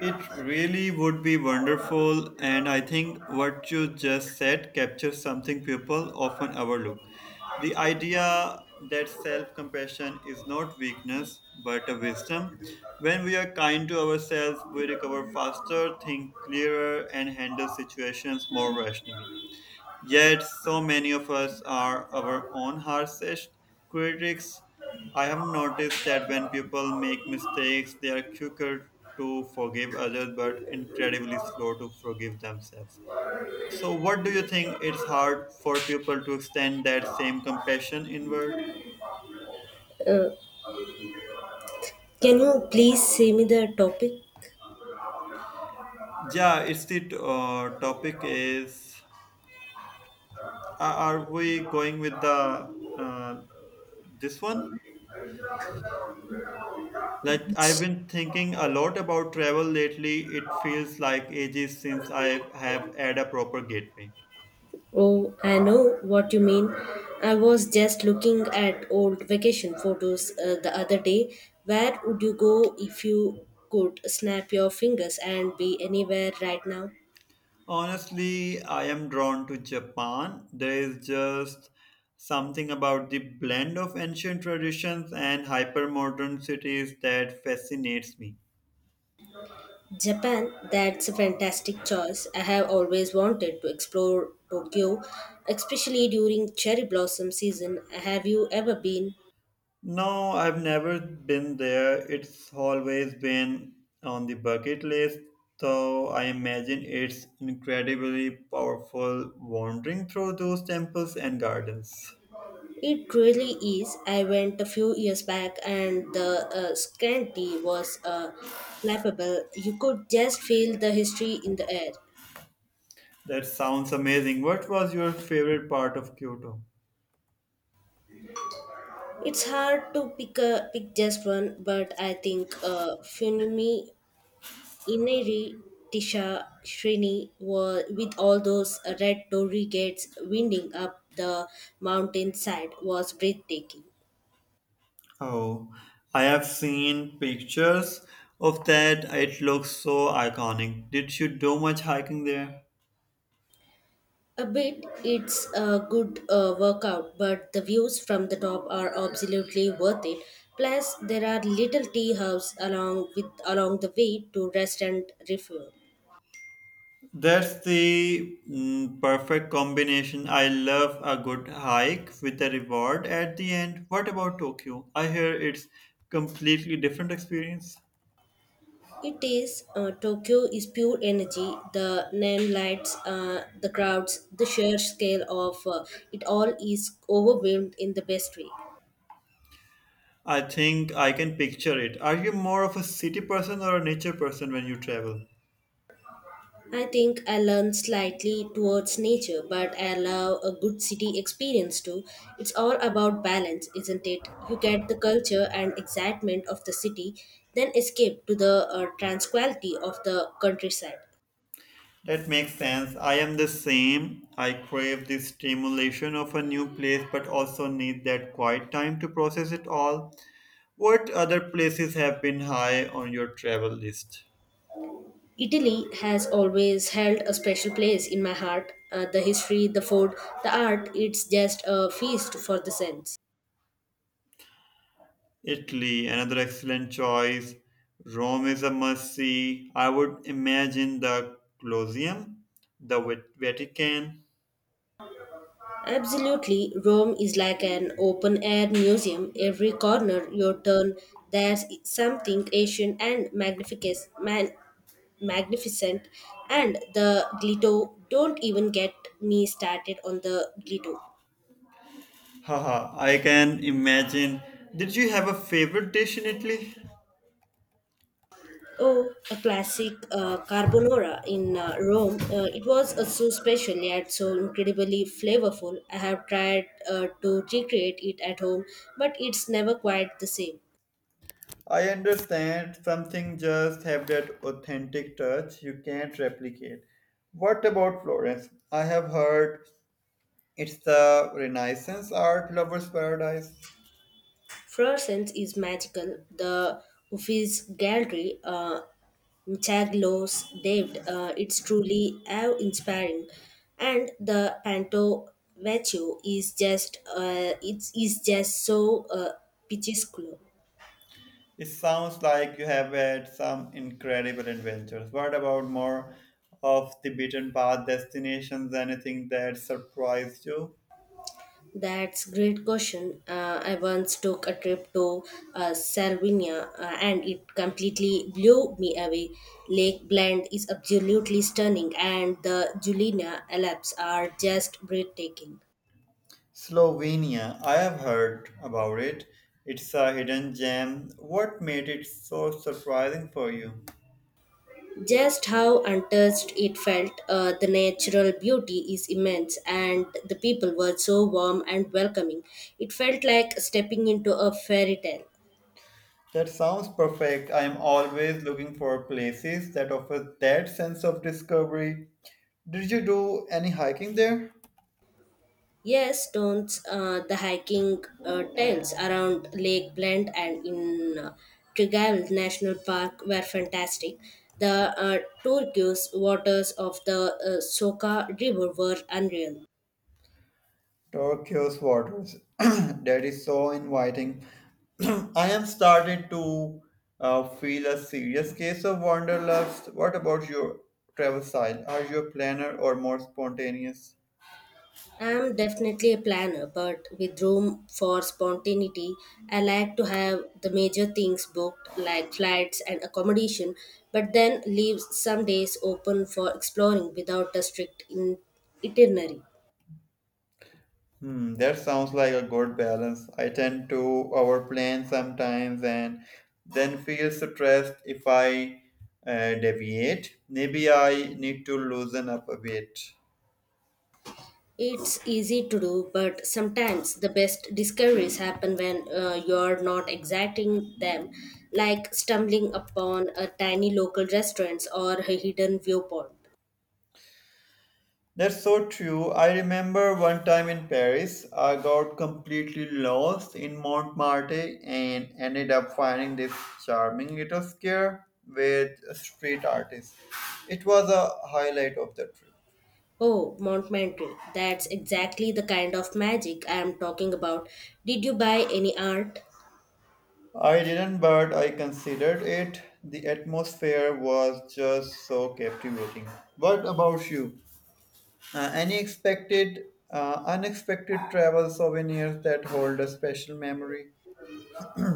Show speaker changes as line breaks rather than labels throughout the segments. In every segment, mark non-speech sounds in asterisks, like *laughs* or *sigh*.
It really would be wonderful, and I think what you just said captures something people often overlook. The idea that self compassion is not weakness but a wisdom. When we are kind to ourselves, we recover faster, think clearer, and handle situations more rationally. Yet, so many of us are our own harshest critics. I have noticed that when people make mistakes, they are quicker to forgive others but incredibly slow to forgive themselves. So, what do you think? It's hard for people to extend that same compassion inward.
Uh, can you please say me the topic?
Yeah, it's the topic is are are we going with the uh, this one? Like, I've been thinking a lot about travel lately. It feels like ages since I have had a proper gateway.
Oh, I know what you mean. I was just looking at old vacation photos the other day. Where would you go if you could snap your fingers and be anywhere right now?
Honestly, I am drawn to Japan. There is just something about the blend of ancient traditions and hypermodern cities that fascinates me.
Japan, that's a fantastic choice. I have always wanted to explore Tokyo, especially during cherry blossom season. Have you ever been?
No, I've never been there. It's always been on the bucket list, so I imagine it's incredibly powerful wandering through those temples and gardens.
It really is. I went a few years back and the Scandi was palpable. You could just feel the history in the air.
That sounds amazing. What was your favorite part of Kyoto?
It's hard to pick just one, but I think Funmi Inari Tisha Srini were, with all those red torii gates winding up the mountainside was breathtaking.
Oh, I have seen pictures of that. It looks so iconic. Did you do much hiking there?
A bit, it's a good workout, but the views from the top are absolutely worth it. Plus, there are little tea houses along the way to rest and refuel.
That's the perfect combination. I love a good hike with a reward at the end. What about Tokyo? I hear it's completely different experience.
It is Tokyo is pure energy. The neon lights, the crowds, the sheer scale of it all is overwhelmed in the best way.
I think I can picture it. Are you more of a city person or a nature person when you travel?
I think I lean slightly towards nature, but I love a good city experience too. It's all about balance, isn't it? You get the culture and excitement of the city, then escape to the tranquility of the countryside.
That makes sense. I am the same. I crave the stimulation of a new place but also need that quiet time to process it all. What other places have been high on your travel list?
Italy has always held a special place in my heart. The history, the food, the art, it's just a feast for the sense.
Italy, another excellent choice. Rome is a must see. I would imagine the Colosseum, the Vatican.
Absolutely, Rome is like an open air museum. Every corner you turn, there's something ancient and magnificent. And the Glitto, don't even get me started on the Glitto.
Haha, I can imagine. Did you have a favorite dish in Italy?
Oh, a classic carbonara in Rome. It was so special yet so incredibly flavorful. I have tried to recreate it at home, but it's never quite the same.
I understand something just have that authentic touch you can't replicate. What about Florence? I have heard it's the Renaissance art lover's paradise.
Fluorescence is magical. The Uffizi Gallery, Chaglos David, it's truly awe-inspiring, and the Panto Vecchio is just it is just so picturesque.
It sounds like you have had some incredible adventures. What about more of the beaten path destinations? Anything that surprised you?
That's great question. I once took a trip to Sardinia and it completely blew me away. Lake Blend is absolutely stunning and the Julina Alps are just breathtaking.
Slovenia, I have heard about it. It's a hidden gem. What made it so surprising for you?
Just how untouched it felt, the natural beauty is immense and the people were so warm and welcoming. It felt like stepping into a fairy tale.
That sounds perfect. I am always looking for places that offer that sense of discovery. Did you do any hiking there?
Yes, don't the hiking trails around Lake Blend and in Tregalv National Park were fantastic. The turquoise waters of the Soka River were unreal.
Tokyo's waters *clears throat* that is so inviting. *clears throat* I am started to feel a serious case of wanderlust. What about your travel style? Are you a planner or more spontaneous?
I'm definitely a planner, but with room for spontaneity, I like to have the major things booked like flights and accommodation, but then leave some days open for exploring without a itinerary.
Hmm, that sounds like a good balance. I tend to overplan sometimes and then feel stressed if I deviate. Maybe I need to loosen up a bit.
It's easy to do, but sometimes the best discoveries happen when you're not exacting them, like stumbling upon a tiny local restaurant or a hidden viewpoint.
That's so true. I remember one time in Paris, I got completely lost in Montmartre and ended up finding this charming little square with street artists. It was a highlight of the trip.
Oh, Montmartre, that's exactly the kind of magic I am talking about. Did you buy any art?
I didn't, but I considered it. The atmosphere was just so captivating. What about you? Any unexpected travel souvenirs that hold a special memory?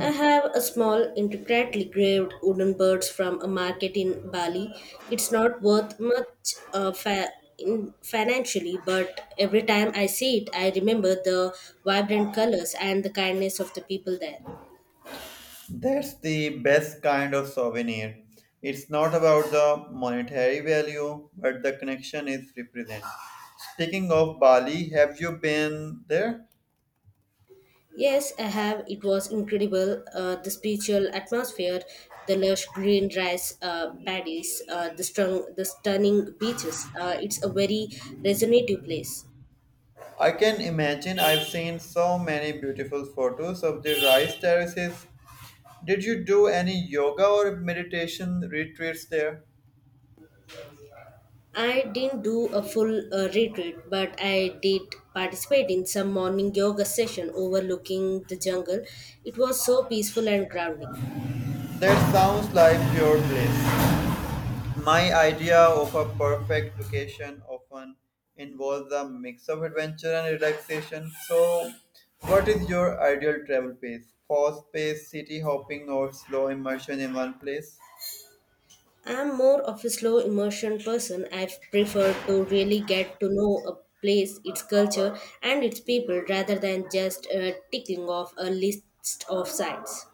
I have a small, intricately graved wooden bird from a market in Bali. It's not worth much fa- in financially, but every time I see it, I remember the vibrant colors and the kindness of the people there.
That's the best kind of souvenir. It's not about the monetary value, but the connection it represents. Speaking of Bali, have you been there?
Yes, I have. It was incredible. The spiritual atmosphere, the lush green rice paddies, the stunning beaches. It's a very resonative place.
I can imagine I've seen so many beautiful photos of the rice terraces. Did you do any yoga or meditation retreats there?
I didn't do a full retreat, but I did participate in some morning yoga session overlooking the jungle. It was so peaceful and grounding.
That sounds like your place. My idea of a perfect vacation often involves a mix of adventure and relaxation. So, what is your ideal travel pace? Fast paced city hopping or slow immersion in one place?
I'm more of a slow immersion person. I prefer to really get to know a place, its culture, and its people rather than just ticking off a list of sites.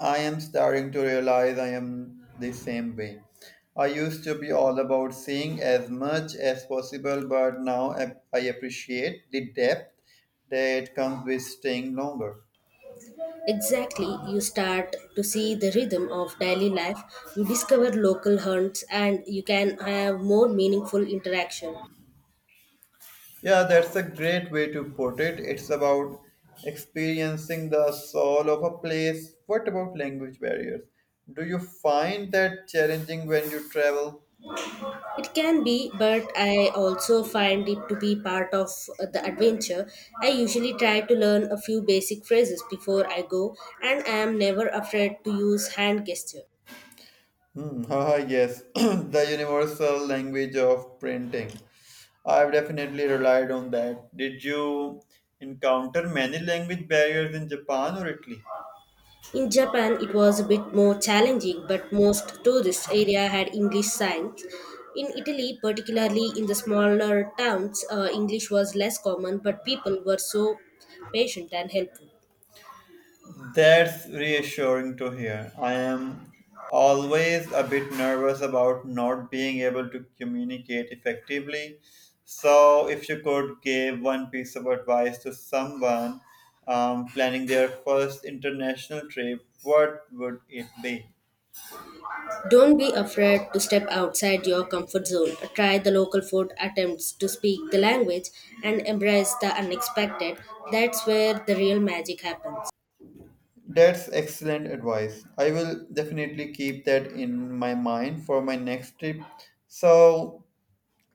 I am starting to realize I am the same way. I used to be all about seeing as much as possible, but now I appreciate the depth that comes with staying longer.
Exactly, you start to see the rhythm of daily life, you discover local hunts, and you can have more meaningful interaction.
Yeah, that's a great way to put it. It's about experiencing the soul of a place. What about language barriers? Do you find that challenging when you travel?
It can be, but I also find it to be part of the adventure. I usually try to learn a few basic phrases before I go, and I am never afraid to use hand gesture.
Hmm, *laughs* haha, yes, *clears throat* the universal language of printing. I've definitely relied on that. Did you encounter many language barriers in Japan or Italy?
In Japan, it was a bit more challenging, but most tourist area had English signs. In Italy, particularly in the smaller towns, English was less common, but people were so patient and helpful.
That's reassuring to hear. I am always a bit nervous about not being able to communicate effectively. So, if you could give one piece of advice to someone planning their first international trip, what would it be?
Don't be afraid to step outside your comfort zone. Try the local food, attempts to speak the language, and embrace the unexpected. That's where the real magic happens.
That's excellent advice. I will definitely keep that in my mind for my next trip. So,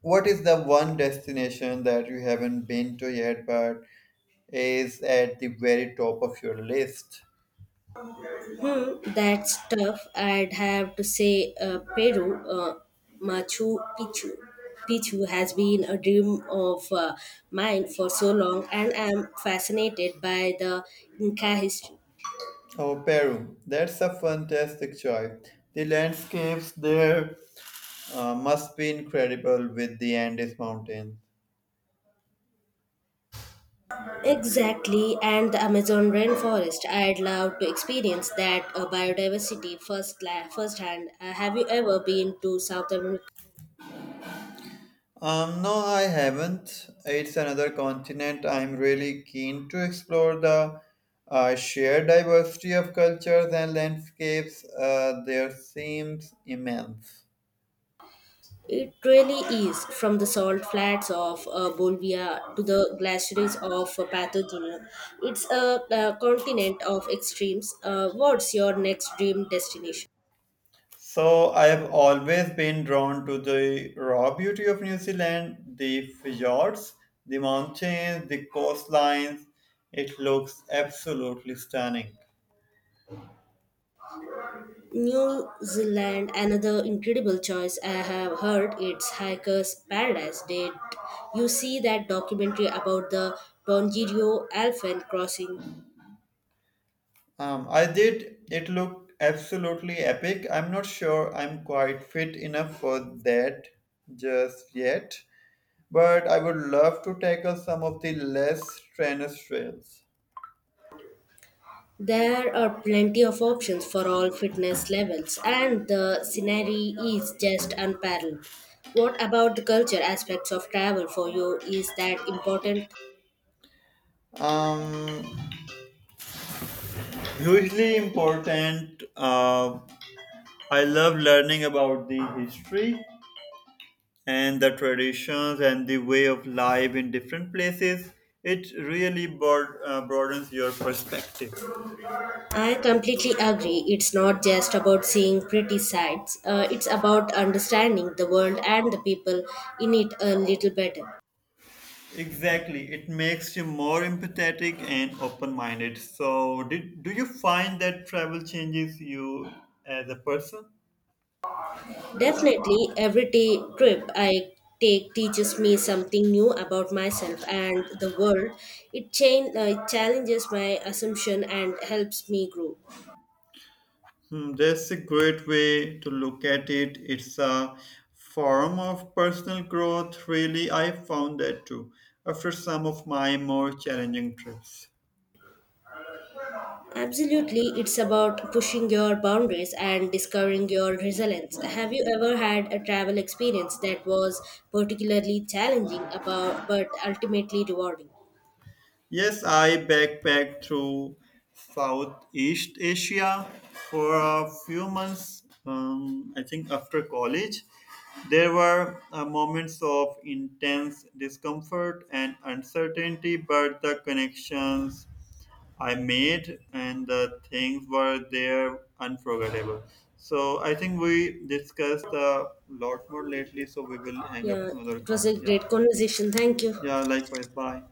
what is the one destination that you haven't been to yet but is at the very top of your list?
Hmm, that's tough. I'd have to say Peru, Machu Picchu. Picchu has been a dream of mine for so long, and I'm fascinated by the Inca history.
Oh, Peru. That's a fantastic choice. The landscapes there must be incredible with the Andes Mountains.
Exactly, and the Amazon rainforest. I'd love to experience that biodiversity firsthand. Have you ever been to South America?
No, I haven't. It's another continent. I'm really keen to explore the sheer diversity of cultures and landscapes. There seems immense.
It really is from the salt flats of Bolivia to the glaciers of Patagonia. It's a continent of extremes. What's your next dream destination?
So I have always been drawn to the raw beauty of New Zealand, the fjords, the mountains, the coastlines. It looks absolutely stunning.
New Zealand, another incredible choice. I have heard it's Hiker's Paradise. Did you see that documentary about the Tongariro Elephant Crossing?
I did. It looked absolutely epic. I'm not sure I'm quite fit enough for that just yet, but I would love to tackle some of the less strenuous trails.
There are plenty of options for all fitness levels, and the scenery is just unparalleled. What about the culture aspects of travel for you? Is that important?
Um, hugely important. I love learning about the history and the traditions and the way of life in different places. It really broadens your perspective.
I completely agree. It's not just about seeing pretty sights, it's about understanding the world and the people in it a little better.
Exactly, it makes you more empathetic and open-minded. So, do you find that travel changes you as a person?
Definitely, every day trip I take teaches me something new about myself and the world. It challenges my assumption and helps me grow.
Hmm, that's a great way to look at it. It's a form of personal growth, really. I found that too after some of my more challenging trips.
Absolutely, it's about pushing your boundaries and discovering your resilience. Have you ever had a travel experience that was particularly challenging about but ultimately rewarding?
Yes, I backpacked through Southeast Asia for a few months, I think after college. There were moments of intense discomfort and uncertainty, but the connections I made, and the things were there unforgettable. So I think we discussed a lot more lately. So we will hang up
Yeah,
another
it was
call.
a
Yeah,
great conversation. Thank you.
yeah. Likewise. Bye.